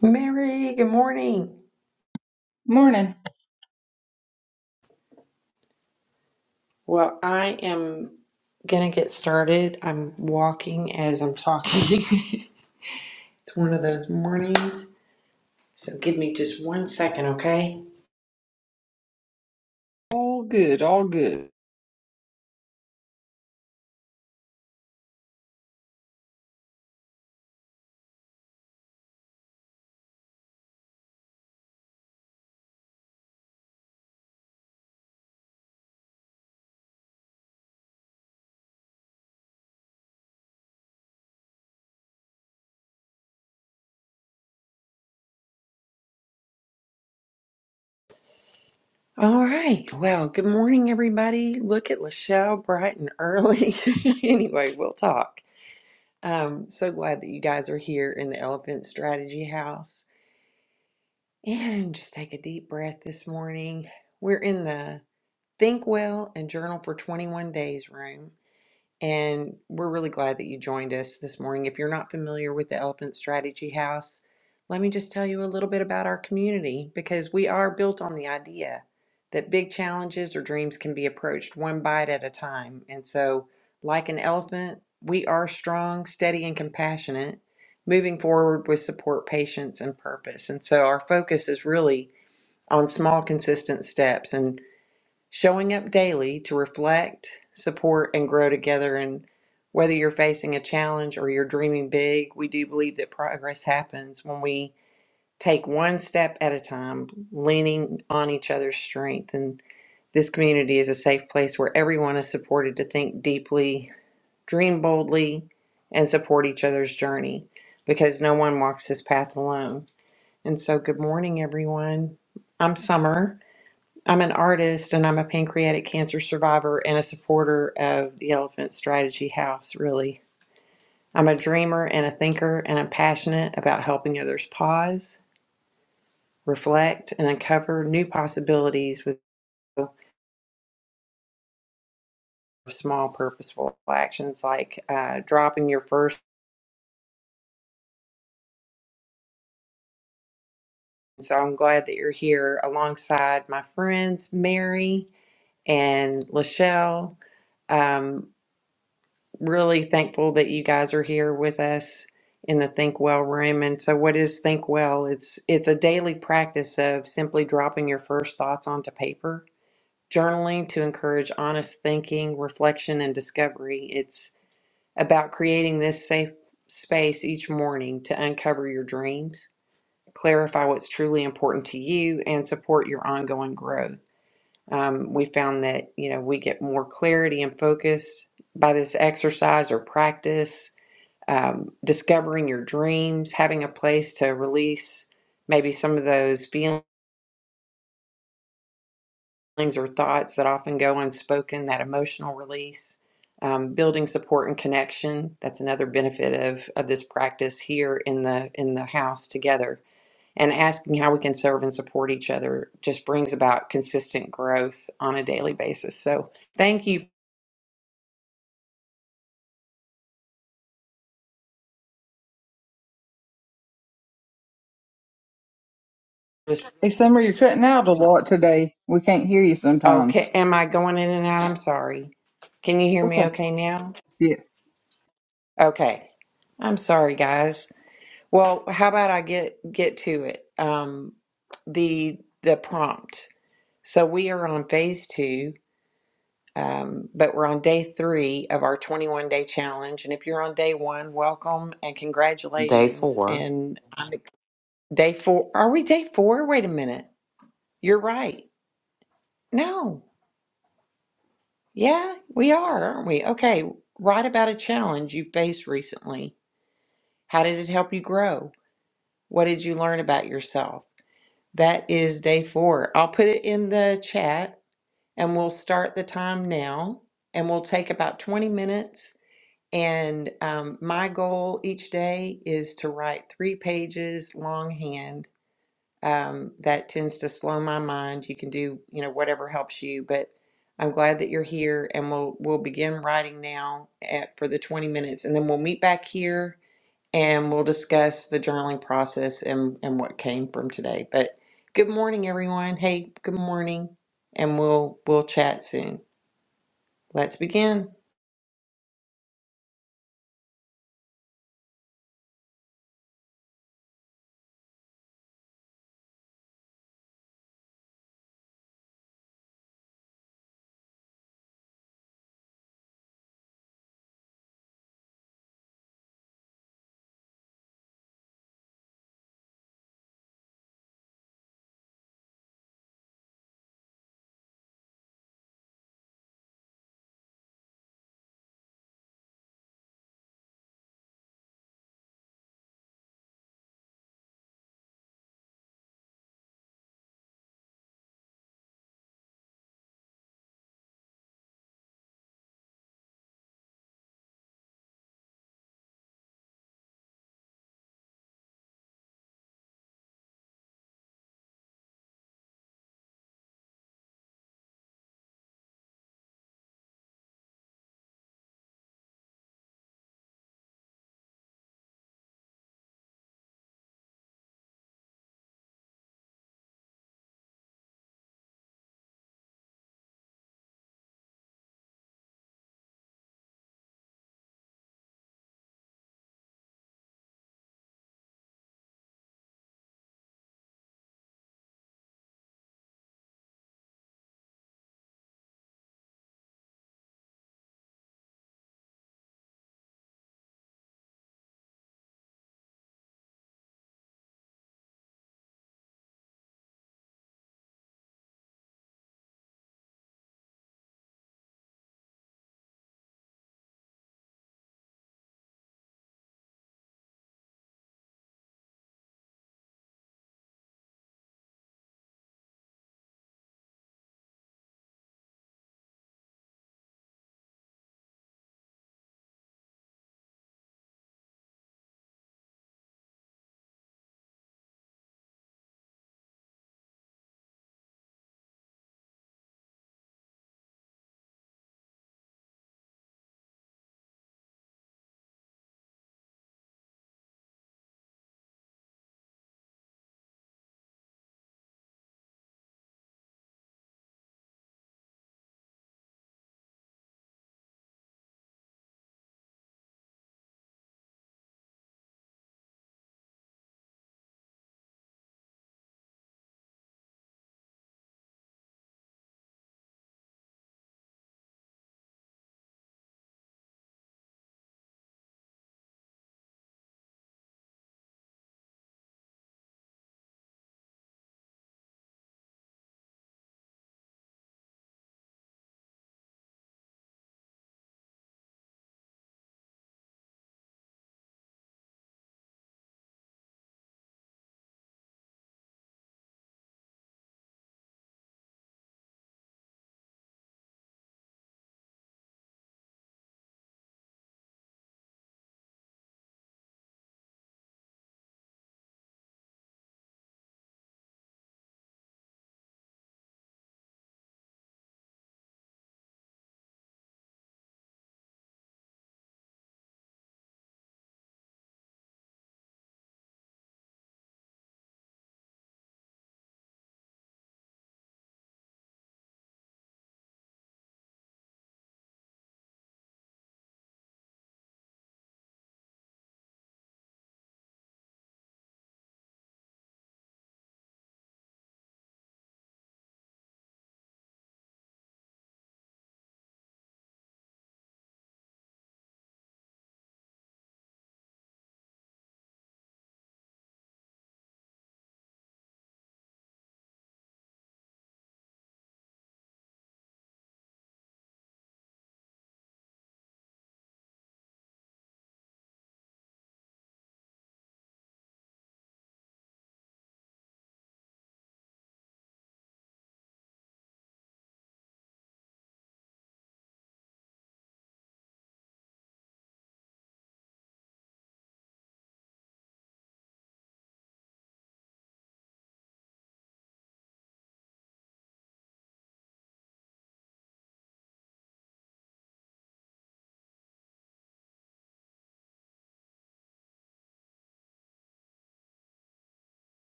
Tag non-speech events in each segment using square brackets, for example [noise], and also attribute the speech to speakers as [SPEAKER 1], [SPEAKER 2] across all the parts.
[SPEAKER 1] Mary, good morning.
[SPEAKER 2] Morning.
[SPEAKER 1] Well, I am gonna get started. I'm walking as I'm talking. [laughs] it's one of those mornings. So give me just one second, okay?
[SPEAKER 2] All good, all good.
[SPEAKER 1] All right. Well, good morning, everybody. Look at Lachelle bright and early. [laughs] anyway, we'll talk. Um, so glad that you guys are here in the Elephant Strategy House. And just take a deep breath this morning. We're in the Think Well and Journal for 21 Days room. And we're really glad that you joined us this morning. If you're not familiar with the Elephant Strategy House, let me just tell you a little bit about our community because we are built on the idea that big challenges or dreams can be approached one bite at a time. And so, like an elephant, we are strong, steady, and compassionate, moving forward with support, patience, and purpose. And so, our focus is really on small, consistent steps. And showing up daily to reflect, support, and grow together. And whether you're facing a challenge or you're dreaming big, we do believe that progress happens when we take one step at a time, leaning on each other's strength. And this community is a safe place where everyone is supported to think deeply, dream boldly, and support each other's journey because no one walks this path alone. And so, good morning, everyone. I'm Summer. I'm an artist and I'm a pancreatic cancer survivor and a supporter of the Elephant Strategy House, really. I'm a dreamer and a thinker, and I'm passionate about helping others pause, reflect, and uncover new possibilities with small, purposeful actions like uh, dropping your first. So I'm glad that you're here alongside my friends, Mary and Lachelle. Um, really thankful that you guys are here with us in the Think Well room. And so what is Think Well? It's it's a daily practice of simply dropping your first thoughts onto paper, journaling to encourage honest thinking, reflection and discovery. It's about creating this safe space each morning to uncover your dreams, clarify what's truly important to you and support your ongoing growth. Um, we found that, you know, we get more clarity and focus by this exercise or practice um, discovering your dreams, having a place to release maybe some of those feelings or thoughts that often go unspoken, that emotional release, um, building support and connection. That's another benefit of, of this practice here in the in the house together. And asking how we can serve and support each other just brings about consistent growth on a daily basis. So thank you. For this.
[SPEAKER 2] Hey, Summer, you're cutting out a lot today. We can't hear you sometimes.
[SPEAKER 1] Okay, am I going in and out? I'm sorry. Can you hear me
[SPEAKER 2] Okay.
[SPEAKER 1] okay now?
[SPEAKER 2] Yeah.
[SPEAKER 1] Okay. I'm sorry, guys. Well, how about I get get to it? Um, the the prompt. So we are on phase two, um, but we're on day three of our 21 day challenge. And if you're on day one, welcome and
[SPEAKER 3] Day
[SPEAKER 1] congratulations.
[SPEAKER 3] four.
[SPEAKER 1] And I'm, day four, are we day four? Wait a minute. You're right. No. Yeah, we are, aren't we? Okay. Write about a challenge you faced recently. How did it help you grow? What did you learn about yourself? That is day four. I'll put it in the chat and we'll start the time now and we'll take about 20 minutes. And um, my goal each day is to write three pages longhand. Um, that tends to slow my mind. You can do, you know, whatever helps you, but I'm glad that you're here and we'll we'll begin writing now at, for the 20 minutes and then we'll meet back here and we'll discuss the journaling process and, and what came from today. But good morning, everyone. Hey, good morning, and we'll we'll chat soon. Let's begin.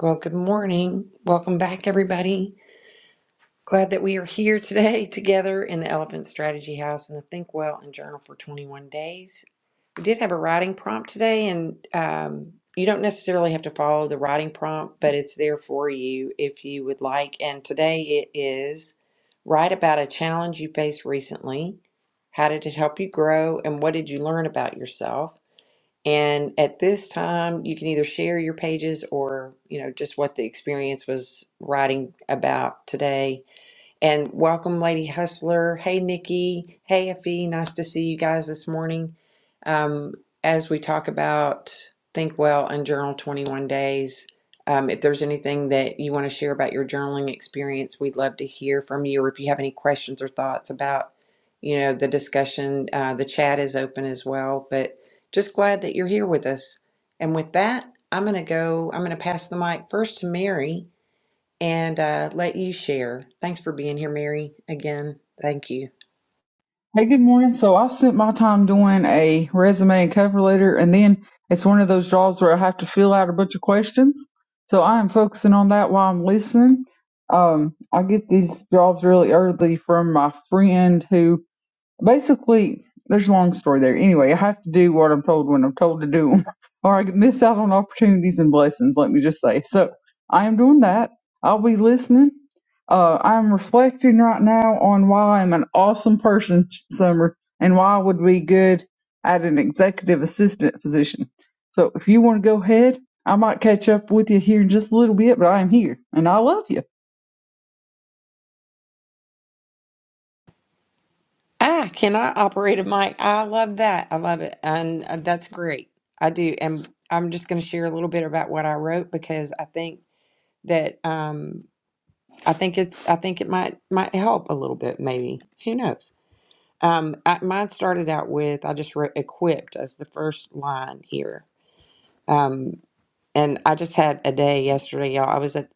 [SPEAKER 1] Well, good morning. Welcome back, everybody. Glad that we are here today [laughs] together in the Elephant Strategy House in the Think Well and Journal for 21 Days. We did have a writing prompt today, and um, you don't necessarily have to follow the writing prompt, but it's there for you if you would like. And today it is write about a challenge you faced recently. How did it help you grow, and what did you learn about yourself? And at this time, you can either share your pages or, you know, just what the experience was writing about today and welcome, Lady Hustler. Hey, Nikki. Hey, Effie. Nice to see you guys this morning. Um, as we talk about Think Well and Journal 21 Days, um, if there's anything that you want to share about your journaling experience, we'd love to hear from you. Or if you have any questions or thoughts about, you know, the discussion, uh, the chat is open as well. But just glad that you're here with us. And with that, I'm going to go, I'm going to pass the mic first to Mary and uh, let you share. Thanks for being here, Mary. Again, thank you.
[SPEAKER 2] Hey, good morning. So I spent my time doing a resume and cover letter, and then it's one of those jobs where I have to fill out a bunch of questions. So I am focusing on that while I'm listening. Um, I get these jobs really early from my friend who basically there's a long story there anyway i have to do what i'm told when i'm told to do 'em, [laughs] or i can miss out on opportunities and blessings let me just say so i am doing that i'll be listening uh, i'm reflecting right now on why i'm an awesome person summer and why i would be good at an executive assistant position so if you want to go ahead i might catch up with you here in just a little bit but i am here and i love you
[SPEAKER 1] Ah, can I operate a mic? I love that. I love it. And uh, that's great. I do. And I'm just going to share a little bit about what I wrote because I think that um I think it's I think it might might help a little bit maybe. Who knows? Um I, mine started out with I just wrote equipped as the first line here. Um And I just had a day yesterday, y'all. I was at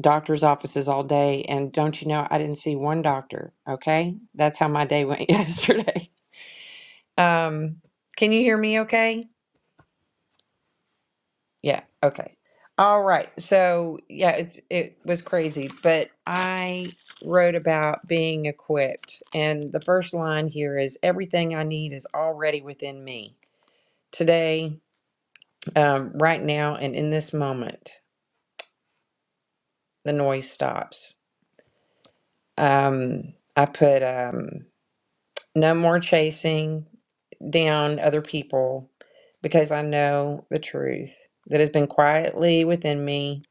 [SPEAKER 1] doctor's offices all day, and don't you know, I didn't see one doctor. Okay. That's how my day went [laughs] yesterday. Um, can you hear me okay? Yeah. Okay. All right. So, yeah, it's, it was crazy, but I wrote about being equipped. And the first line here is everything I need is already within me. Today, um, right now, and in this moment, the noise stops Um, I put um, no more chasing down other people because I know the truth that has been quietly within me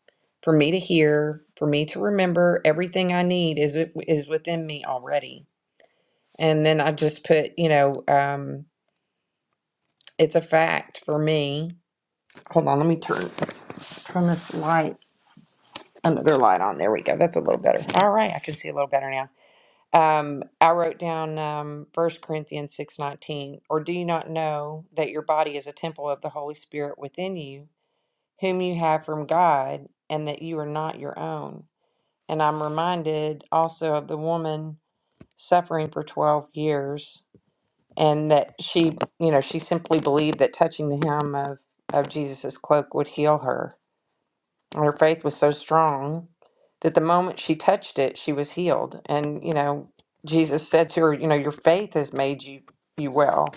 [SPEAKER 1] for me to hear, for me to remember everything I need is is within me already. And then I just put, you know, um, it's a fact for me. Hold on, let me turn turn this light another light on. There we go. That's a little better. All right, I can see a little better now Um, I wrote down um, 1 Corinthians 6:19, or do you not know that your body is a temple of the Holy Spirit within you, whom you have from God, and that you are not your own? And I'm reminded also of the woman suffering for 12 years, and that she, you know, she simply believed that touching the hem of, of Jesus's cloak would heal her. Her faith was so strong that the moment she touched it, she was healed. And, you know, Jesus said to her, you know, your faith has made you you well.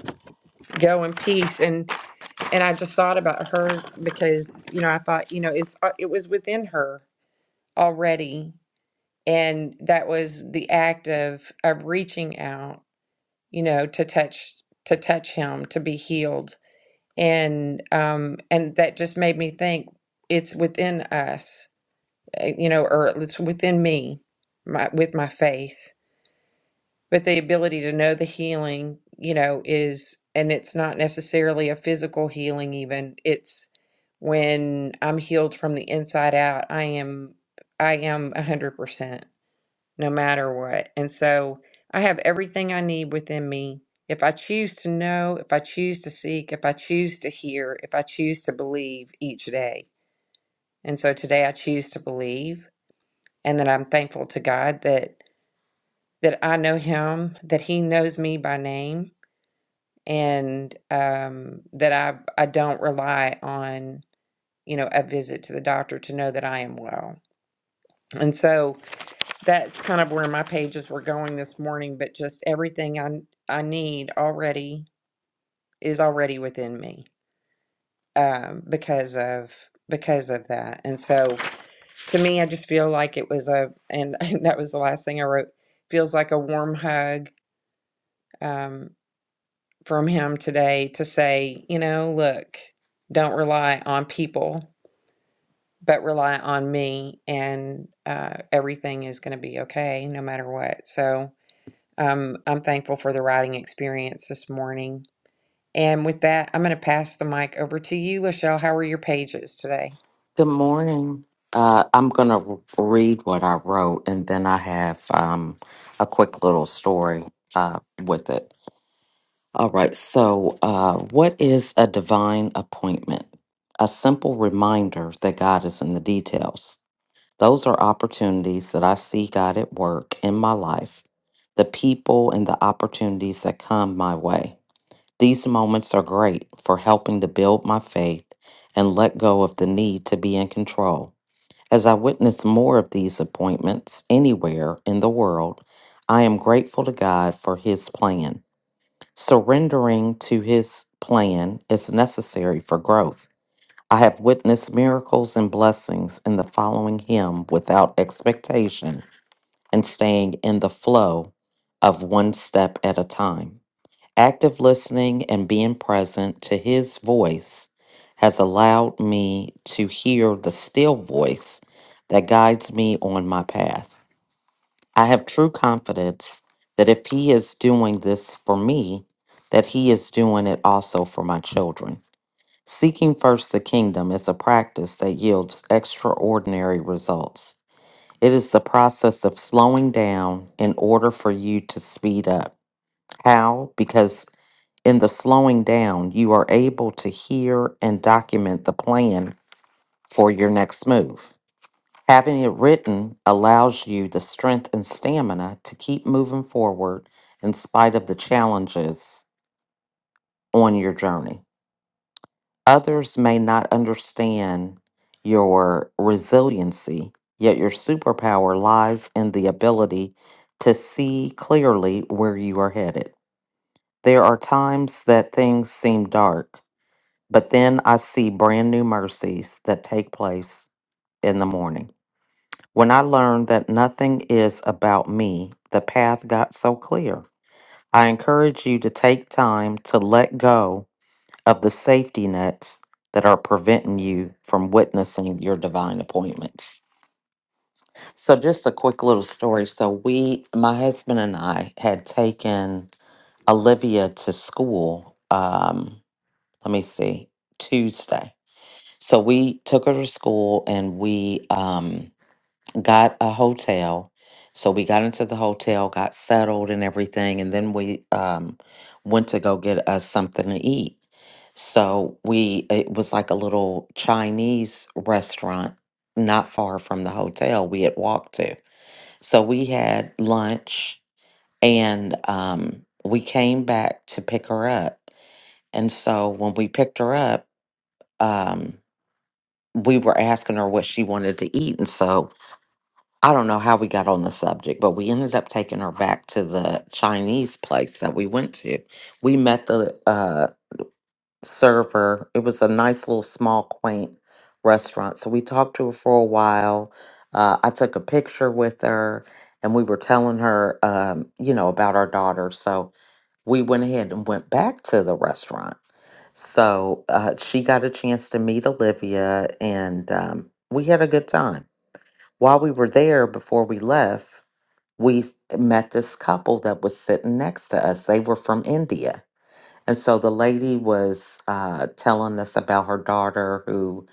[SPEAKER 1] Go in peace. And and I just thought about her because, you know, I thought, you know, it's uh, it was within her already. And that was the act of of reaching out, you know, to touch to touch him, to be healed. And um and that just made me think it's within us uh, you know, or it's within me, my with my faith. But the ability to know the healing, you know, is and it's not necessarily a physical healing even. It's when I'm healed from the inside out, I am I am a hundred percent no matter what. And so I have everything I need within me. If I choose to know, if I choose to seek, if I choose to hear, if I choose to believe each day. And so today I choose to believe and that I'm thankful to God that that I know him, that he knows me by name, and um, that I I don't rely on you know a visit to the doctor to know that I am well. And so that's kind of where my pages were going this morning. But just everything I I need already is already within me um, because of because of that. And so to me, I just feel like it was a and [laughs] and that was the last thing I wrote. Feels like a warm hug Um, from him today to say, you know, look, don't rely on people, but rely on me, and uh, everything is going to be okay no matter what. So um, I'm thankful for the writing experience this morning. And with that, I'm going to pass the mic over to you, Lachelle. How are your pages today?
[SPEAKER 3] Good morning. Uh, I'm going to read what I wrote and then I have um, a quick little story uh, with it. All right. So, uh, what is a divine appointment? A simple reminder that God is in the details. Those are opportunities that I see God at work in my life, the people and the opportunities that come my way. These moments are great for helping to build my faith and let go of the need to be in control. As I witness more of these appointments anywhere in the world, I am grateful to God for His plan. Surrendering to His plan is necessary for growth. I have witnessed miracles and blessings in the following Him without expectation and staying in the flow of one step at a time. Active listening and being present to his voice has allowed me to hear the still voice that guides me on my path. I have true confidence that if he is doing this for me, that he is doing it also for my children. Seeking first the kingdom is a practice that yields extraordinary results. It is the process of slowing down in order for you to speed up. How? Because in the slowing down, you are able to hear and document the plan for your next move. Having it written allows you the strength and stamina to keep moving forward in spite of the challenges on your journey. Others may not understand your resiliency, yet your superpower lies in the ability to see clearly where you are headed. There are times that things seem dark But then I see brand new mercies that take place in the morning. When I learned that nothing is about me, the path got so clear. I encourage you to take time to let go of the safety nets that are preventing you from witnessing your divine appointments. So, just a quick little story. So, we, my husband and I, had taken Olivia to school. Um, let me see, Tuesday. So we took her to school and we um, got a hotel. So we got into the hotel, got settled and everything, and then we um, went to go get us something to eat. So we it was like a little Chinese restaurant not far from the hotel we had walked to. So we had lunch and um, we came back to pick her up. And so when we picked her up, um, we were asking her what she wanted to eat. And so I don't know how we got on the subject, but we ended up taking her back to the Chinese place that we went to. We met the uh, server. It was a nice little small, quaint restaurant. So we talked to her for a while. Uh, I took a picture with her and we were telling her, um, you know, about our daughter. So we went ahead and went back to the restaurant so uh, she got a chance to meet Olivia, and um, we had a good time. While we were there, before we left, we s- met this couple that was sitting next to us. They were from India. And so the lady was uh, telling us about her daughter who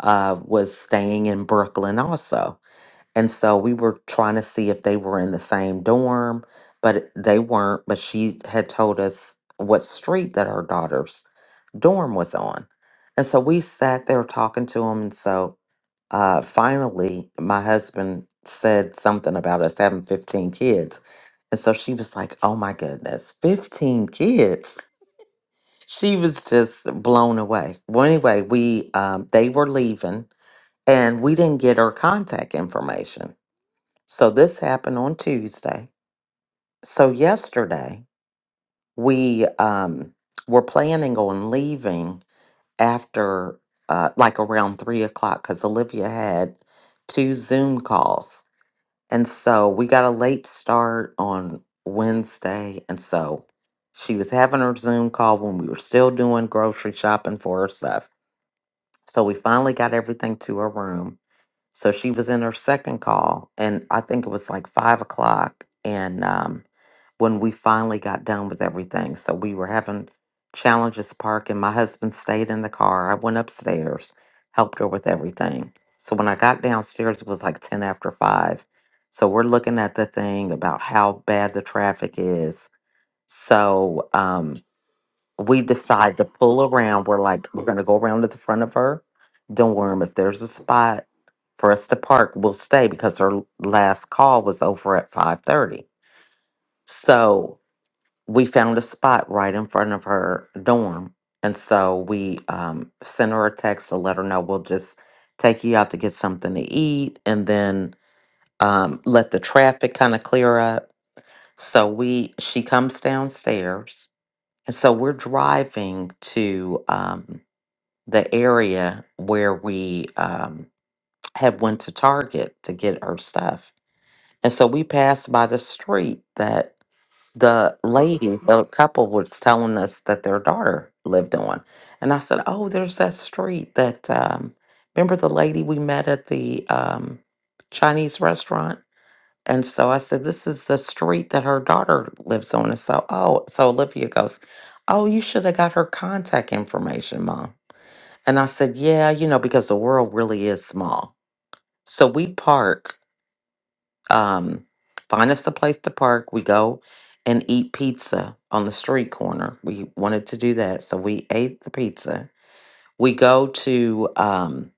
[SPEAKER 3] uh, was staying in Brooklyn also. And so we were trying to see if they were in the same dorm, but it- they weren't. But she had told us what street that her daughter's dorm was on. And so we sat there talking to him. And so uh, finally, my husband said something about us having 15 kids. And so she was like, oh my goodness, 15 kids. She was just blown away. Well, anyway, we um, they were leaving and we didn't get her contact information. So this happened on Tuesday. So yesterday, we um, were planning on leaving after uh, like around three o'clock because Olivia had two Zoom calls. And so we got a late start on Wednesday. And so she was having her Zoom call when we were still doing grocery shopping for her stuff. So we finally got everything to her room. So she was in her second call, and I think it was like five o'clock. And um, when we finally got done with everything, so we were having challenges parking. My husband stayed in the car. I went upstairs, helped her with everything. So when I got downstairs, it was like 10 after five. So we're looking at the thing about how bad the traffic is. So, um, we decide to pull around. We're like, we're going to go around to the front of her. dorm if there's a spot for us to park, we'll stay because her last call was over at 5.30. So we found a spot right in front of her dorm. And so we um, sent her a text to let her know we'll just take you out to get something to eat and then um, let the traffic kind of clear up. So we she comes downstairs and so we're driving to um, the area where we um, had went to Target to get our stuff. And so we passed by the street that the lady, the couple was telling us that their daughter lived on. And I said, oh, there's that street that, um, remember the lady we met at the um, Chinese restaurant? And so I said, this is the street that her daughter lives on. And so, oh, so Olivia goes, oh, you should have got her contact information, Mom. And I said, Yeah, you know, because the world really is small. So we park, um, find us a place to park. We go and eat pizza on the street corner. We wanted to do that. So we ate the pizza. We go to um,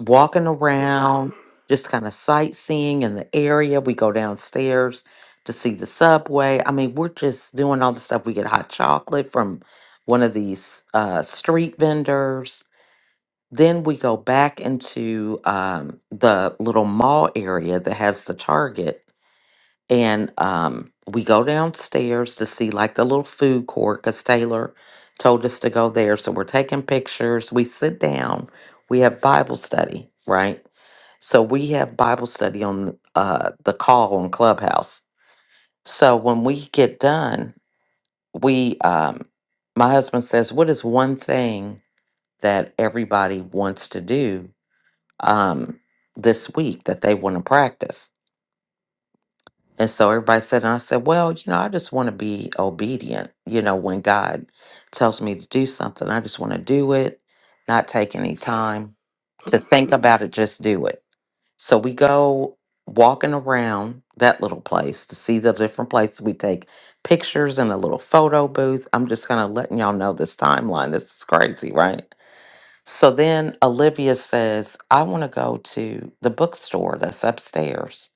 [SPEAKER 3] walking around, just kind of sightseeing in the area. We go downstairs to see the subway. I mean, we're just doing all the stuff. We get hot chocolate from one of these uh, street vendors then we go back into um, the little mall area that has the Target, and um, we go downstairs to see like the little food court because Taylor told us to go there. So we're taking pictures. We sit down. We have Bible study, right? So we have Bible study on uh, the call on Clubhouse. So when we get done, we, um, my husband says, "What is one thing that everybody wants to do?" um, this week that they want to practice. And so everybody said, and I said, well, you know, I just want to be obedient. You know, when God tells me to do something, I just want to do it, not take any time to think about it, just do it. So we go walking around that little place to see the different places. We take pictures in a little photo booth. I'm just kind of letting y'all know this timeline. This is crazy, right? So then Olivia says, I want to go to the bookstore that's upstairs.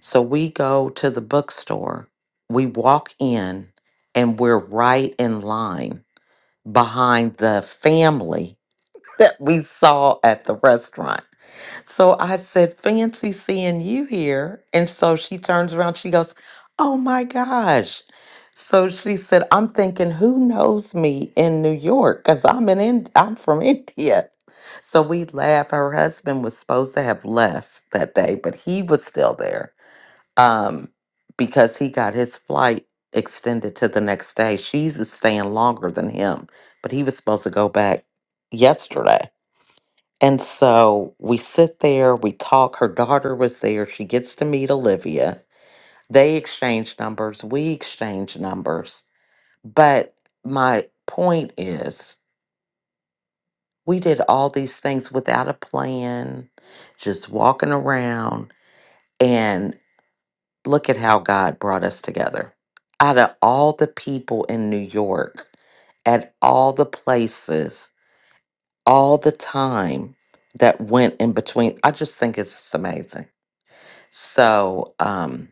[SPEAKER 3] So we go to the bookstore, we walk in, and we're right in line behind the family [laughs] that we saw at the restaurant. So I said, Fancy seeing you here. And so she turns around, she goes, Oh my gosh. So she said, I'm thinking, who knows me in New York? Because I'm in Ind- I'm from [laughs] India. So we laugh. Her husband was supposed to have left that day, but he was still there. Um, because he got his flight extended to the next day. She was staying longer than him, but he was supposed to go back yesterday. And so we sit there, we talk. Her daughter was there. She gets to meet Olivia. They exchange numbers. We exchange numbers. But my point is, we did all these things without a plan, just walking around. And look at how God brought us together. Out of all the people in New York, at all the places, all the time that went in between, I just think it's amazing. So, um,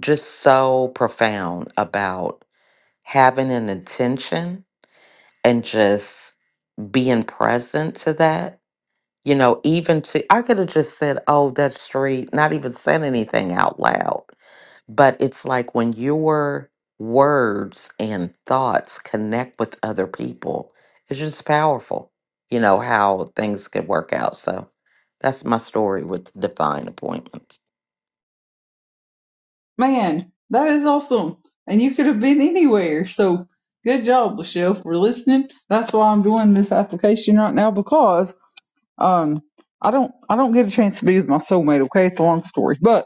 [SPEAKER 3] just so profound about having an intention and just being present to that. You know, even to, I could have just said, oh, that street, not even said anything out loud. But it's like when your words and thoughts connect with other people, it's just powerful, you know, how things could work out. So that's my story with divine appointments.
[SPEAKER 2] Man, that is awesome. And you could have been anywhere. So good job, Michelle, for listening. That's why I'm doing this application right now because um I don't I don't get a chance to be with my soulmate, okay? It's a long story. But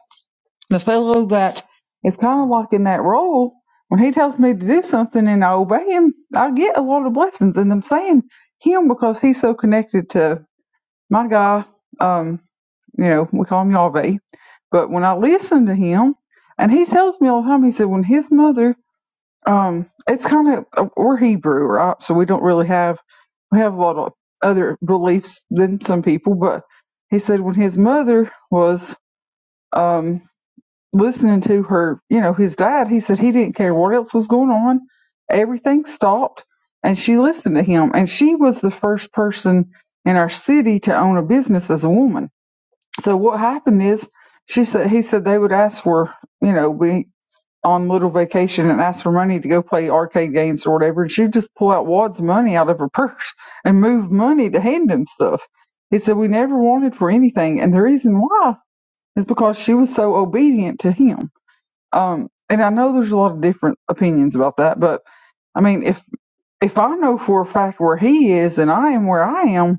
[SPEAKER 2] the fellow that is kind of like in that role, when he tells me to do something and I obey him, I get a lot of blessings. And I'm saying him because he's so connected to my guy. Um you know, we call him Yahweh. But when I listen to him, and he tells me all the time, he said, when his mother, um, it's kind of, we're Hebrew, right? So we don't really have, we have a lot of other beliefs than some people, but he said when his mother was, um, listening to her, you know, his dad, he said he didn't care what else was going on. Everything stopped and she listened to him. And she was the first person in our city to own a business as a woman so what happened is she said he said they would ask for you know be on little vacation and ask for money to go play arcade games or whatever, and she'd just pull out wads of money out of her purse and move money to hand him stuff. He said we never wanted for anything, and the reason why is because she was so obedient to him. Um, and I know there's a lot of different opinions about that, but I mean if if I know for a fact where he is and I am where I am,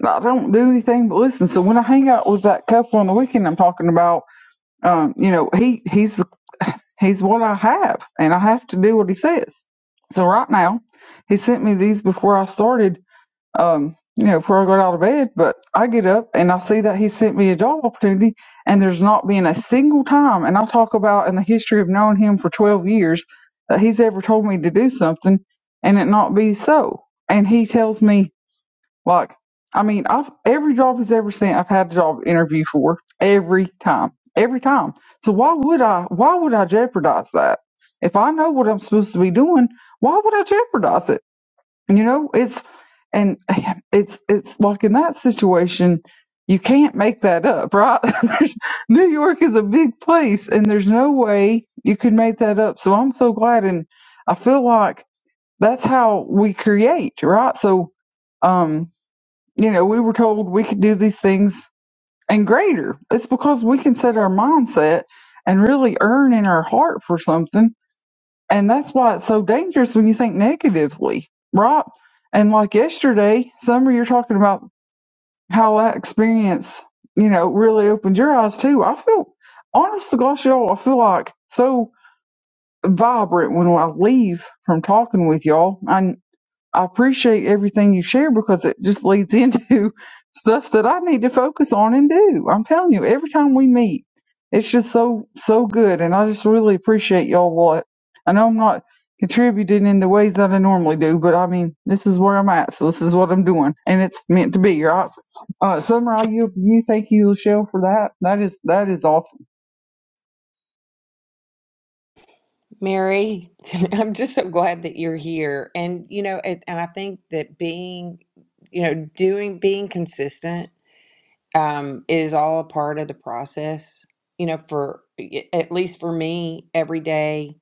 [SPEAKER 2] like, I don't do anything but listen. So when I hang out with that couple on the weekend, I'm talking about, um, you know, he he's he's what I have, and I have to do what he says. So right now, he sent me these before I started, um, you know, before I got out of bed. But I get up and I see that he sent me a job opportunity, and there's not been a single time, and I'll talk about in the history of knowing him for 12 years that he's ever told me to do something and it not be so. And he tells me like, I mean, I've every job he's ever seen, I've had a job interview for every time, every time. So why would I? Why would I jeopardize that? If I know what I'm supposed to be doing, why would I jeopardize it? You know, it's and [laughs] it's it's like in that situation, you can't make that up, right? [laughs] There's- New York is a big place, and there's no way you could make that up. So I'm so glad, and I feel like that's how we create, right? So. um you know, we were told we could do these things and greater. It's because we can set our mindset and really earn in our heart for something. And that's why it's so dangerous when you think negatively, right? And like yesterday, Summer, you're talking about how that experience, you know, really opened your eyes too. I feel, honest to gosh, y'all, I feel like so vibrant when I leave from talking with y'all. I'm. I appreciate everything you share because it just leads into [laughs] stuff that I need to focus on and do. I'm telling you, every time we meet, it's just so so good, and I just really appreciate y'all. What I know, I'm not contributing in the ways that I normally do, but I mean, this is where I'm at, so this is what I'm doing, and it's meant to be, right? Uh, Summer, I yield to you. Thank you, Michelle, for that. That is that is awesome.
[SPEAKER 1] Mary, [laughs] I'm just so glad that you're here. And, you know, it, and I think that being, you know, doing, being consistent um, it is all a part of the process. You know, for at least for me, every day,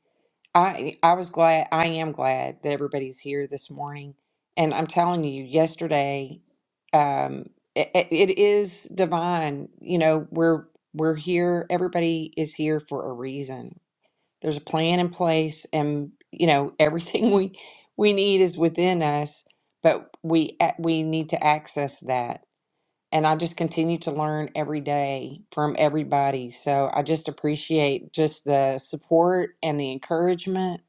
[SPEAKER 1] I I was glad. I am glad that everybody's here this morning, and I'm telling you, yesterday, um, it, it is divine. You know, we're we're here. Everybody is here for a reason. There's a plan in place, and you know everything [laughs] we we need is within us, but we a- we need to access that and I just continue to learn every day from everybody. So I just appreciate just the support and the encouragement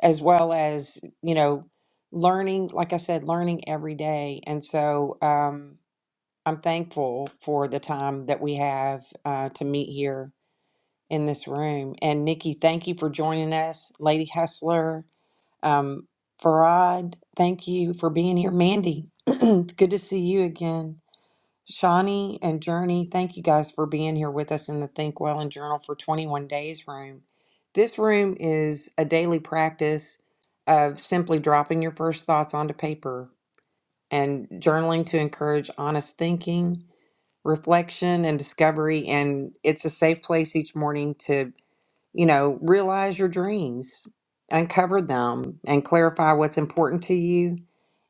[SPEAKER 1] as well as, you know, learning, like I said, learning every day. And so um I'm thankful for the time that we have uh, to meet here in this room. And Nikki, thank you for joining us. Lady Hustler, um, Farad, thank you for being here. Mandy, [clears throat] good to see you again. Shawnee and Journey, thank you guys for being here with us in the Think Well and Journal for 21 Days room. This room is a daily practice of simply dropping your first thoughts onto paper and journaling to encourage honest thinking, reflection, and discovery. And it's a safe place each morning to, you know, realize your dreams, uncover them, and clarify what's important to you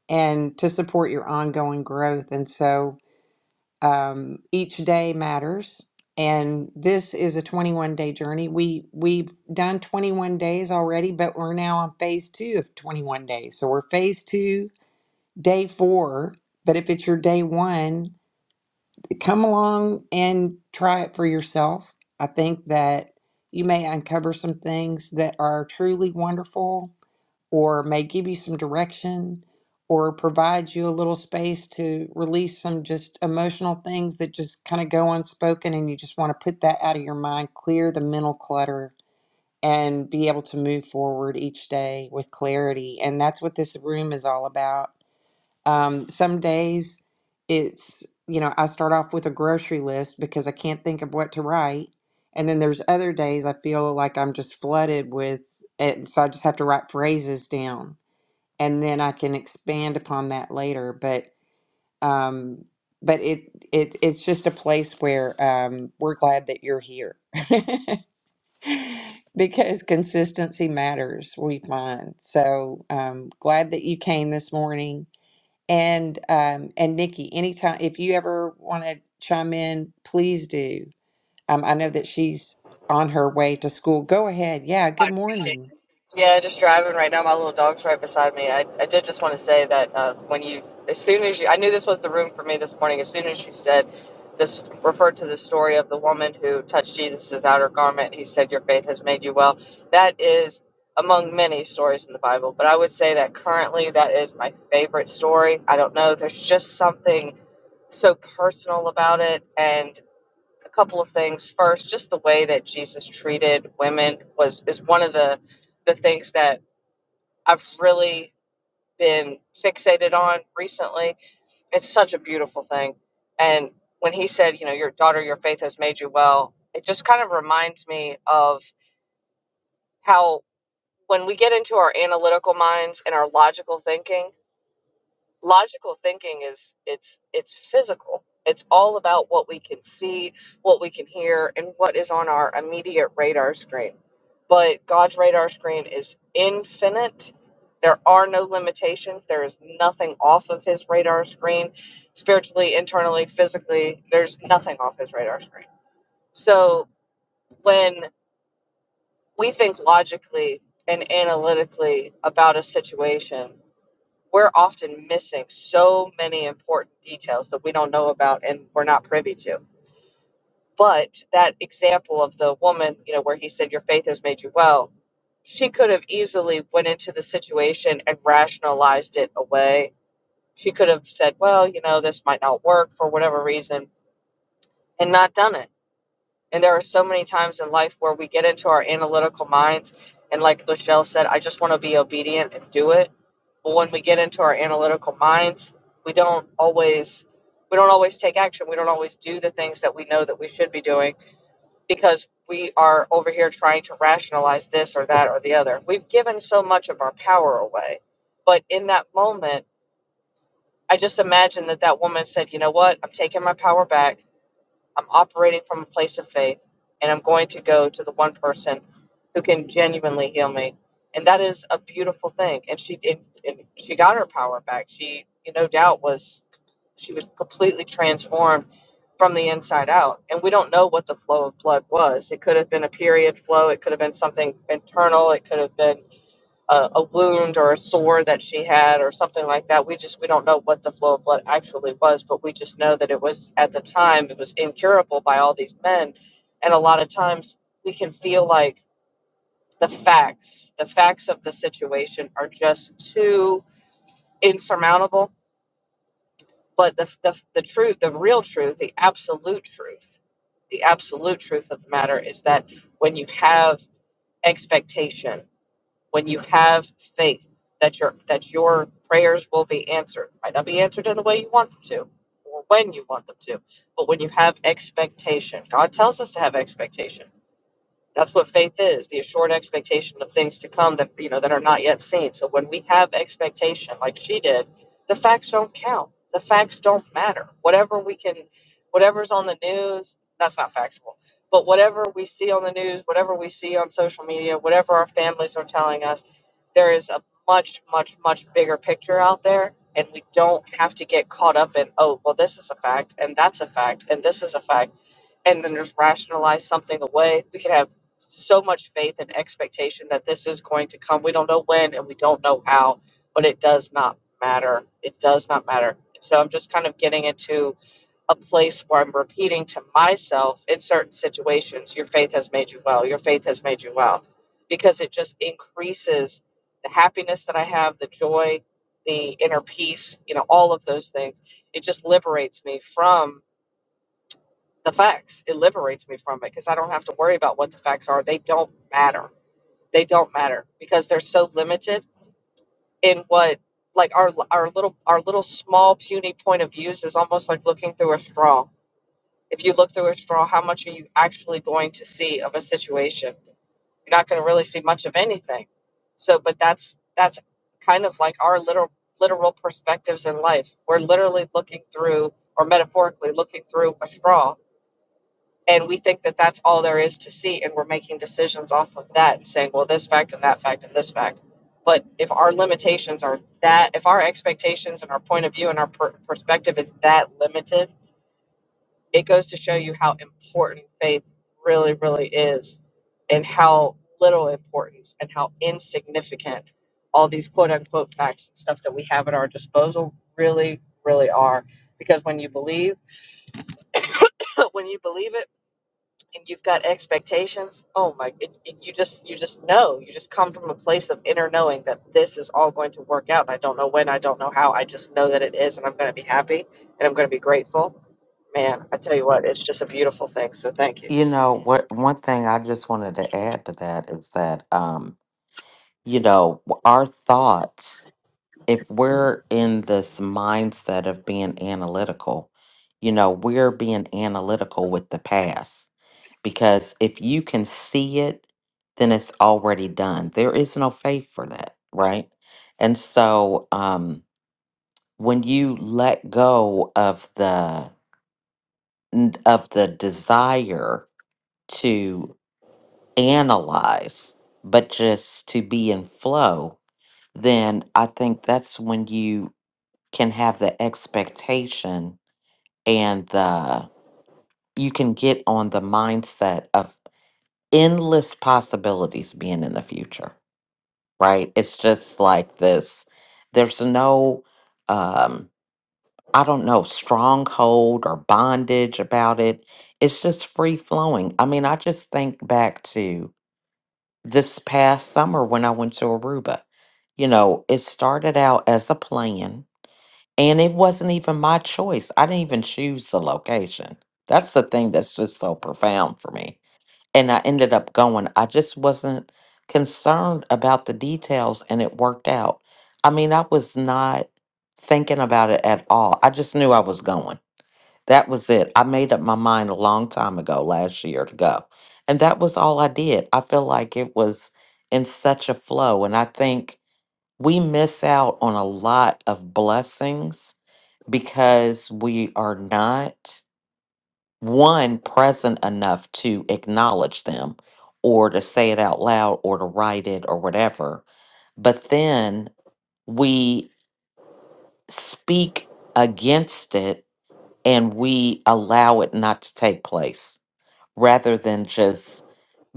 [SPEAKER 1] and to support your ongoing growth. And so, um, each day matters and this is a 21 day journey we we've done 21 days already but we're now on phase two of 21 days so we're phase two day four but if it's your day one come along and try it for yourself i think that you may uncover some things that are truly wonderful or may give you some direction or provide you a little space to release some just emotional things that just kind of go unspoken and you just want to put that out of your mind, clear the mental clutter and be able to move forward each day with clarity. And that's what this room is all about. Um, some days it's, you know, I start off with a grocery list because I can't think of what to write. And then there's other days I feel like I'm just flooded with it. So I just have to write phrases down and then I can expand upon that later. But um, but it it it's just a place where um, we're glad that you're here [laughs] because consistency matters. We find so um, glad that you came this morning. And um, and Nikki, anytime if you ever want to chime in, please do. Um, I know that she's on her way to school. Go ahead. Yeah.
[SPEAKER 4] I
[SPEAKER 1] Good
[SPEAKER 4] appreciate
[SPEAKER 1] morning.
[SPEAKER 4] you. Yeah, just driving right now. My little dog's right beside me. I, I did just want to say that uh, when you, as soon as you, I knew this was the room for me this morning. As soon as you said this, referred to the story of the woman who touched Jesus's outer garment, he said, Your faith has made you well. That is among many stories in the Bible, but I would say that currently that is my favorite story. I don't know. There's just something so personal about it. and a couple of things. First, just the way that Jesus treated women was is one of the the things that I've really been fixated on recently. It's such a beautiful thing. And when he said, you know, your daughter, your faith has made you well, it just kind of reminds me of how when we get into our analytical minds and our logical thinking, logical thinking is it's it's physical it's all about what we can see what we can hear and what is on our immediate radar screen but god's radar screen is infinite there are no limitations there is nothing off of his radar screen spiritually internally physically there's nothing off his radar screen so when we think logically and analytically about a situation we're often missing so many important details that we don't know about and we're not privy to. But that example of the woman, you know, where he said, Your faith has made you well, she could have easily went into the situation and rationalized it away. She could have said, Well, you know, this might not work for whatever reason and not done it and there are so many times in life where we get into our analytical minds, and like Lachelle said, I just want to be obedient and do it. But when we get into our analytical minds, we don't always we don't always take action. We don't always do the things that we know that we should be doing because we are over here trying to rationalize this or that or the other. We've given so much of our power away. But in that moment, I just imagine that that woman said, "You know what? I'm taking my power back. I'm operating from a place of faith, and I'm going to go to the one person who can genuinely heal me. And that is a beautiful thing. And she and, and she got her power back. She, no doubt was she was completely transformed from the inside out. And we don't know what the flow of blood was. It could have been a period flow. It could have been something internal. It could have been a, a wound or a sore that she had or something like that. We just we don't know what the flow of blood actually was, but we just know that it was at the time it was incurable by all these men. And a lot of times we can feel like the facts, the facts of the situation are just too insurmountable. But the, the, the truth, the real truth, the absolute truth, the absolute truth of the matter is that when you have expectation when you have faith that your that your prayers will be answered might not be answered in the way you want them to or when you want them to but when you have expectation god tells us to have expectation that's what faith is, the assured expectation of things to come that you know that are not yet seen. So when we have expectation like she did, the facts don't count. The facts don't matter. Whatever we can whatever's on the news, that's not factual. But whatever we see on the news, whatever we see on social media, whatever our families are telling us, there is a much, much, much bigger picture out there. And we don't have to get caught up in, oh, well, this is a fact, and that's a fact, and this is a fact and then just rationalize something away. We could have so much faith and expectation that this is going to come. We don't know when and we don't know how, but it does not matter. It does not matter. So I'm just kind of getting into a place where I'm repeating to myself in certain situations, your faith has made you well. Your faith has made you well. Because it just increases the happiness that I have, the joy, the inner peace, you know, all of those things. It just liberates me from the facts. It liberates me from it because I don't have to worry about what the facts are. They don't matter they don't matter because they're so limited in what like our our little our little small puny point of views is almost like looking through a straw. If you look through a straw, how much are you actually going to see of a situation? You're not going to really see much of anything. So, but that's that's kind of like our little literal perspectives in life. We're literally looking through or metaphorically looking through a straw and we think that that's all there is to see and we're making decisions off of that and saying well this fact and that fact and this fact but if our limitations are that if our expectations and our point of view and our per- perspective is that limited it goes to show you how important faith really really is and how little importance and how insignificant all these quote unquote facts and stuff that we have at our disposal really really are because when you believe [laughs] when you believe it and you've got expectations oh my it, it, you just you just know you just come from a place of inner knowing that this is all going to work out and i don't know when i don't know how i just know that it is and i'm going to be happy and i'm going to be grateful man i tell you what it's just a beautiful thing so thank you
[SPEAKER 3] You know, what one thing I just wanted to add to that is that um, you know, w- our thoughts, if we're in this mindset of being analytical, you know, we're being analytical with the past. Because if you can see it, then it's already done. There is no faith for that, right? And so um when you let go of the n- of the desire analyze, but just to be in flow, then I think that's when you can have the expectation and the you can get on the mindset of endless possibilities being in the future, right? It's just like this there's no um I don't know stronghold or bondage about it. It's just free flowing. I mean, I just think back to this past summer when I went to Aruba. You know, it started out as a plan and it wasn't even my choice. I didn't even choose the location. That's the thing that's just so profound for me. And I ended up going. I just wasn't concerned about the details and it worked out. I mean, I was not thinking about it at all. I just knew I was going. That was it. I made up my mind a long time ago last year to go. And that was all I did. I feel like it was in such a flow. And I think we miss out on a lot of blessings because we are not, one, present enough to acknowledge them or to say it out loud or to write it or whatever. But then we speak against it and we allow it not to take place rather than just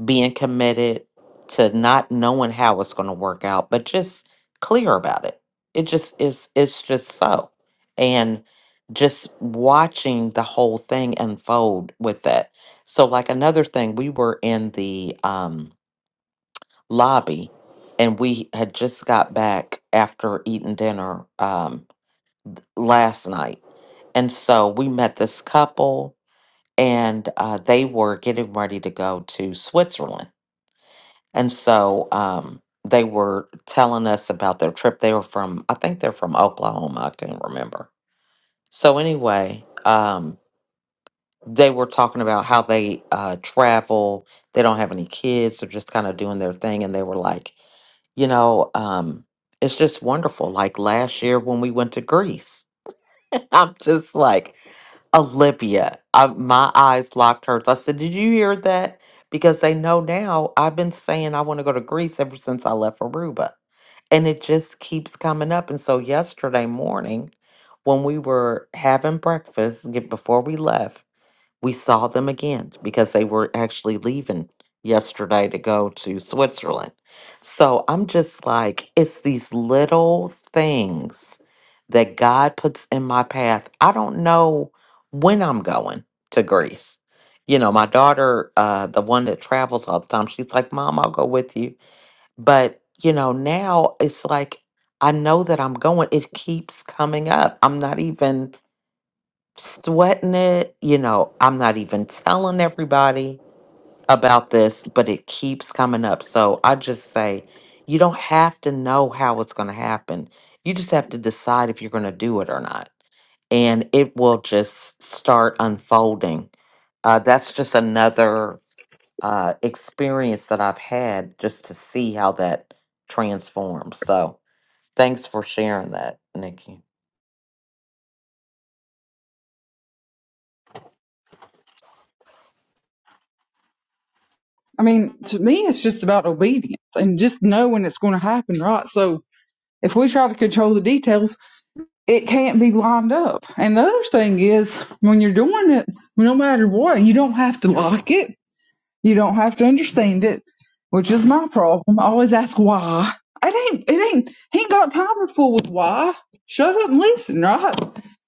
[SPEAKER 3] being committed to not knowing how it's going to work out but just clear about it it just is it's just so and just watching the whole thing unfold with that so like another thing we were in the um lobby and we had just got back after eating dinner um last night and so we met this couple and uh, they were getting ready to go to Switzerland. And so um, they were telling us about their trip. They were from, I think they're from Oklahoma. I can't remember. So anyway, um, they were talking about how they uh, travel. They don't have any kids. They're just kind of doing their thing. And they were like, you know, um, it's just wonderful. Like last year when we went to Greece, [laughs] I'm just like, Olivia, I, my eyes locked hers. I said, Did you hear that? Because they know now I've been saying I want to go to Greece ever since I left Aruba. And it just keeps coming up. And so yesterday morning, when we were having breakfast get- before we left, we saw them again because they were actually leaving yesterday to go to Switzerland. So I'm just like, it's these little things that God puts in my path. I don't know when I'm going to Greece. You know, my daughter, uh, the one that travels all the time, she's like, Mom, I'll go with you. But, you know, now it's like, I know that I'm going. It keeps coming up. I'm not even sweating it. You know, I'm not even telling everybody about this, but it keeps coming up. So I just say, you don't have to know how it's going to happen. You just have to decide if you're going to do it or not. And it will just start unfolding. Uh, that's just another uh, experience that I've had just to see how that transforms. So thanks for sharing that, Nikki.
[SPEAKER 2] I mean, to me, it's just about obedience and just knowing it's going to happen, right? So if we try to control the details it can't be lined up. And the other thing is, when you're doing it, no matter what, you don't have to like it. You don't have to understand it, which is my problem. I always ask why. It ain't, it ain't, he ain't got time for fool with why. Shut up and listen, right?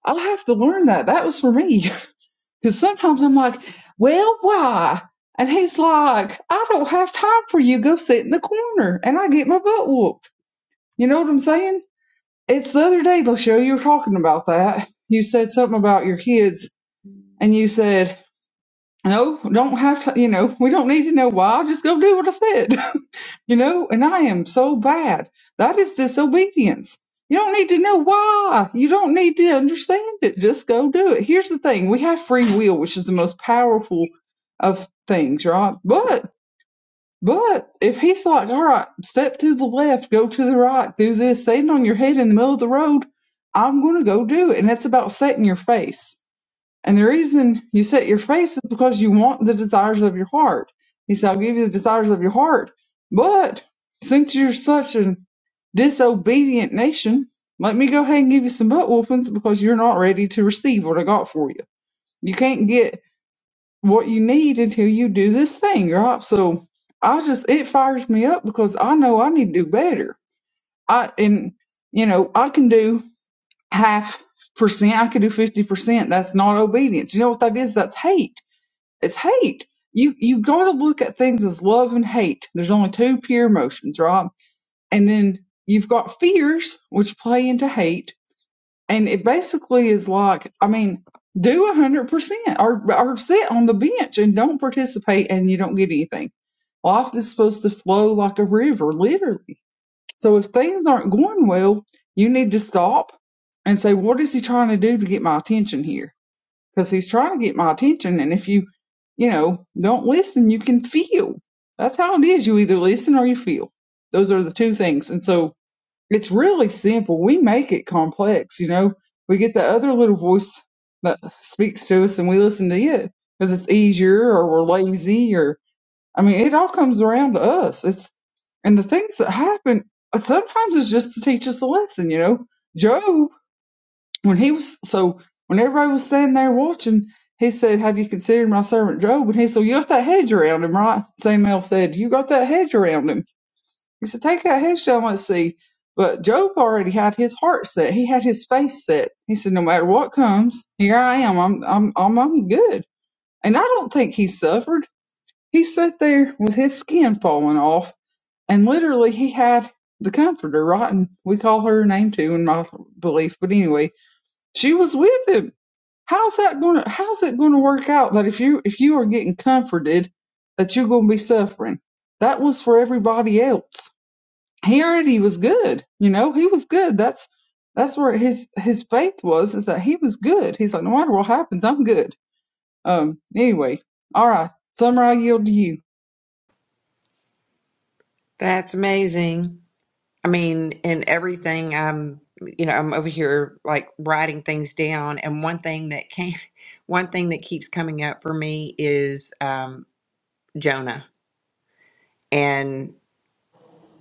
[SPEAKER 2] I'll have to learn that. That was for me. [laughs] Because sometimes I'm like, well, why? And he's like, I don't have time for you. Go sit in the corner. And I get my butt whooped. You know what I'm saying? It's the other day, Lachelle, you were talking about that. You said something about your kids, and you said, no, don't have to, you know, [laughs] we don't need to know why. Just go do what I said, [laughs] you know, and I am so bad. That is disobedience. You don't need to know why. You don't need to understand it. Just go do it. Here's the thing. We have free will, which is the most powerful of things, right? But but if he's like, all right, step to the left, go to the right, do this, stand on your head in the middle of the road, I'm going to go do it. And it's about setting your face. And the reason you set your face is because you want the desires of your heart. He said, I'll give you the desires of your heart. But since you're such a disobedient nation, let me go ahead and give you some butt whoopings because you're not ready to receive what I got for you. You can't get what you need until you do this thing, right? So I just it fires me up because I know I need to do better. I and you know, I can do half percent, I can do fifty percent. That's not obedience. You know what that is? That's hate. It's hate. You you gotta look at things as love and hate. There's only two pure emotions, right? And then you've got fears which play into hate and it basically is like i mean do a hundred percent or or sit on the bench and don't participate and you don't get anything life is supposed to flow like a river literally so if things aren't going well you need to stop and say what is he trying to do to get my attention here because he's trying to get my attention and if you you know don't listen you can feel that's how it is you either listen or you feel those are the two things and so it's really simple. We make it complex, you know. We get the other little voice that speaks to us, and we listen to it because it's easier, or we're lazy, or I mean, it all comes around to us. It's and the things that happen uh, sometimes it's just to teach us a lesson, you know. Job, when he was so when everybody was standing there watching, he said, "Have you considered my servant Job?" And he said, "Well, "You got that hedge around him, right?" Samuel said, "You got that hedge around him." He said, Take out Hedgeshot. I want see. But Job already had his heart set. He had his face set. He said, No matter what comes, here I am. I'm I'm I'm I'm good. And I don't think he suffered. He sat there with his skin falling off and literally he had the comforter, Rotten. We call her a name too in my belief. But anyway, she was with him. How's that gonna how's that gonna work out that if you if you are getting comforted that you're gonna be suffering? That was for everybody else Harity was good. You know, he was good. That's that's where his his faith was is that he was good. He's like, no matter what happens, I'm good. Um. Anyway, all right, Summer, I yield to you.
[SPEAKER 1] That's amazing. I mean, in everything, I'm, you know, I'm over here like writing things down. And one thing that came, [laughs] one thing that keeps coming up for me is um, Jonah and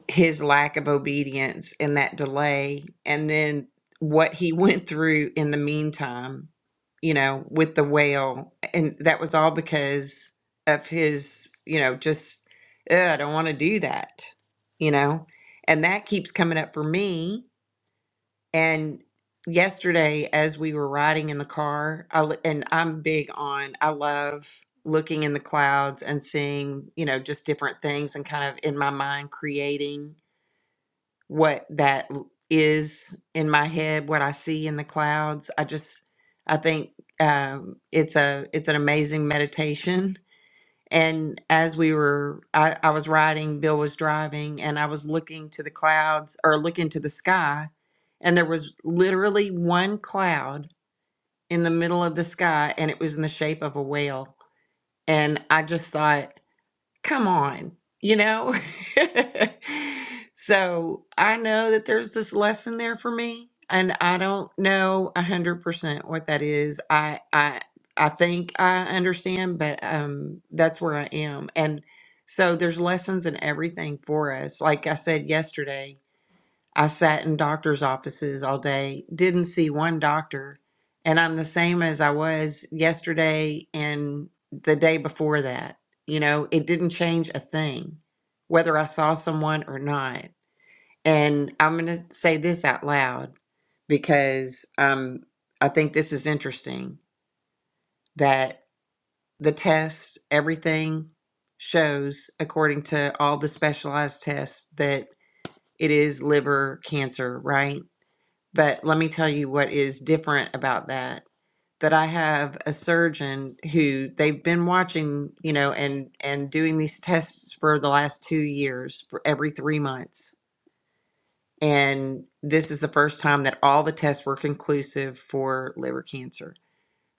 [SPEAKER 1] his lack of obedience and that delay, and then what he [laughs] went through in the meantime, you know, with the whale. And that was all because of his, you know, just, "Ugh, I don't want to do that, you know, and that keeps coming up for me And yesterday, as we were riding in the car, I, l- and I'm big on, I love looking in the clouds and seeing, you know, just different things and kind of in my mind creating what that l- is in my head, what I see in the clouds. I just, I think um, it's a, it's an amazing meditation and as we were, I, I was riding, Bill was driving, and I was looking to the clouds or looking to the sky. And there was literally one cloud in the middle of the sky, and it was in the shape of a whale. And I just thought, come on, you know? [laughs] so I know that there's this lesson there for me, and I don't know a hundred percent what that is. I I I think I understand, but um that's where I am. And so there's lessons in everything for us. Like I said yesterday, I sat in doctor's offices all day, didn't see one doctor, and I'm the same as I was yesterday and the day before that. You know, it didn't change a thing, whether I saw someone or not. And I'm going to say this out loud because um, I think this is interesting that the test, everything shows, according to all the specialized tests, that it is liver cancer, right? But let me tell you what is different about that. That I have a surgeon who they've been watching, you know, and and doing these tests for the last two years for every three months. And this is the first time that all the tests were conclusive for liver cancer.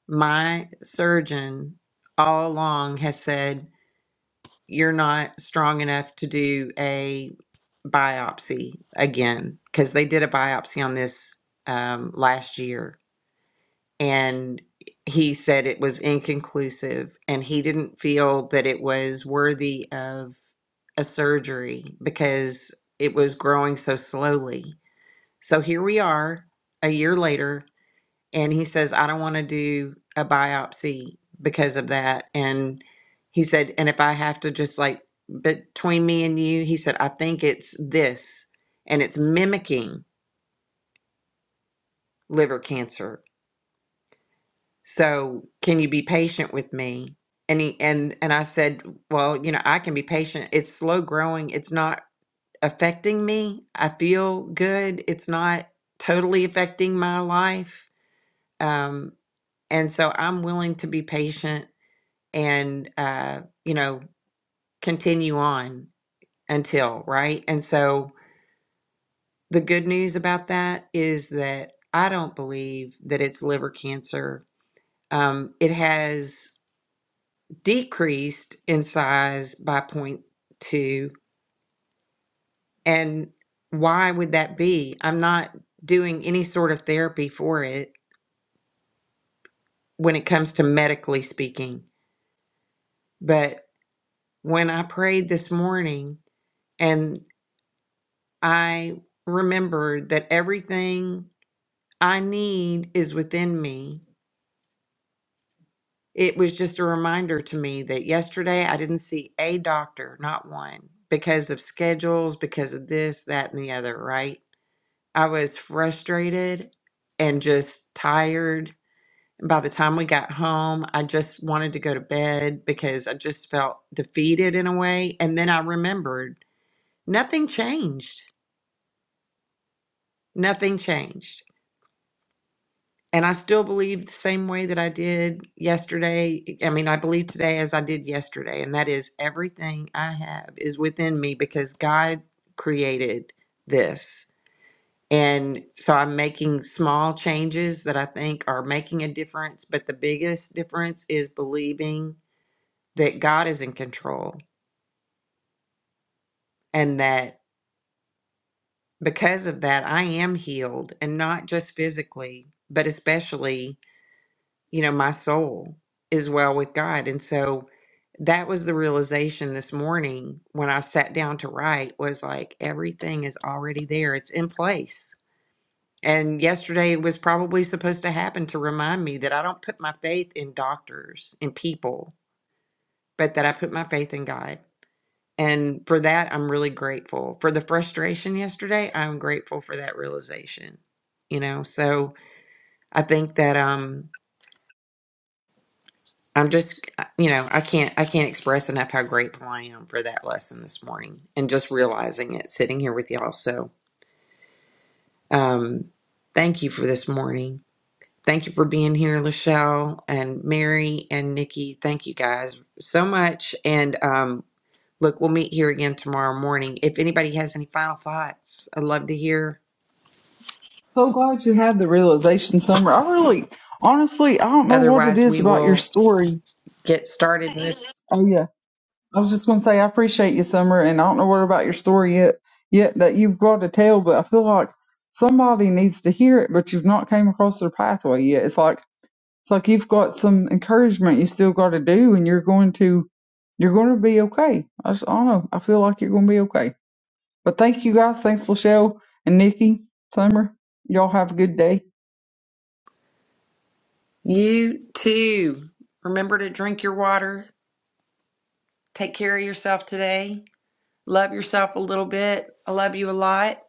[SPEAKER 1] My surgeon all along has said, You're not strong enough to do a biopsy again, because they did a biopsy on this um, last year and he said it was inconclusive and he didn't feel that it was worthy of a surgery because it was growing so slowly. So here we are a year later and he says I don't want to do a biopsy because of that and he said and if I have to just like between me and you he said I think it's this and it's mimicking liver cancer so can you be patient with me and he and and i said well you know i can be patient it's slow growing it's not affecting me i feel good it's not totally affecting my life um and so i'm willing to be patient and uh you know continue on until right and so the good news about that is that i don't believe that it's liver cancer um it has decreased in size by point two, and why would that be i'm not doing any sort of therapy for it when it comes to medically speaking but when i prayed this morning and i remembered that everything i need is within me it was just a reminder to me that yesterday i didn't see a doctor not one because of schedules because of this that and the other right I was frustrated and just tired. And by the time we got home, I just wanted to go to bed because I just felt defeated in a way. And then I remembered nothing changed. Nothing changed. And I still believe the same way that I did yesterday. I mean, I believe today as I did yesterday. And that is everything I have is within me because God created this. And so I'm making small changes that I think are making a difference. But the biggest difference is believing that God is in control and that because of that, I am healed and not just physically, but especially, you know, my soul is well with God. And so that was the realization this morning when I sat down to write was like, everything is already there, it's in place And yesterday was probably supposed to happen to remind me that I don't put my faith in doctors and people, but that I put my faith in God. And for that, I'm really grateful. For the frustration yesterday, I'm grateful for that realization. You know, so I think that um I'm just uh, you know, I can't I can't express enough how grateful I am for that lesson this morning and just realizing it sitting here with y'all. So um thank you for this morning. Thank you for being here, Lachelle and Mary and Nikki. Thank you guys so much. And um, look, we'll meet here again tomorrow morning. If anybody has any final thoughts, I'd love to hear.
[SPEAKER 2] So glad you had the realization, Summer. I really, honestly, I don't know what it
[SPEAKER 1] Otherwise,
[SPEAKER 2] is
[SPEAKER 1] we
[SPEAKER 2] about your
[SPEAKER 1] will
[SPEAKER 2] story.
[SPEAKER 1] get started. in This.
[SPEAKER 2] Oh yeah, I was just gonna say I appreciate you, Summer, and I don't know what about your story yet yet that you've brought to tell, but I feel like somebody needs to hear it, but you've not came across their pathway yet. It's like It's like you've got some encouragement you still got to do, and you're going to you're going to be okay. I just I don't know. I feel like you're going to be okay. But thank you guys. Thanks, Lachelle and Nikki, Summer. Y'all have a good day.
[SPEAKER 1] You too. Remember to drink your water. Take care of yourself today. Love yourself a little bit. I love you a lot.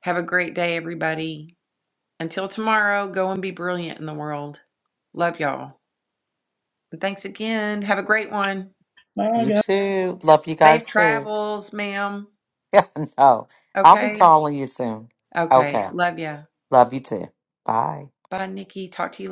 [SPEAKER 1] Have a great day, everybody. Until tomorrow, go and be brilliant in the world. Love y'all. And thanks again. Have a great one.
[SPEAKER 3] You too. Love you
[SPEAKER 1] Safe
[SPEAKER 3] guys too.
[SPEAKER 1] travels, ma'am.
[SPEAKER 3] [laughs] no. I'll be
[SPEAKER 1] Okay.
[SPEAKER 3] calling you soon.
[SPEAKER 1] Okay.
[SPEAKER 3] Okay.
[SPEAKER 1] Love ya.
[SPEAKER 3] Love you too. Bye.
[SPEAKER 1] Bye, Nikki. Talk to you later.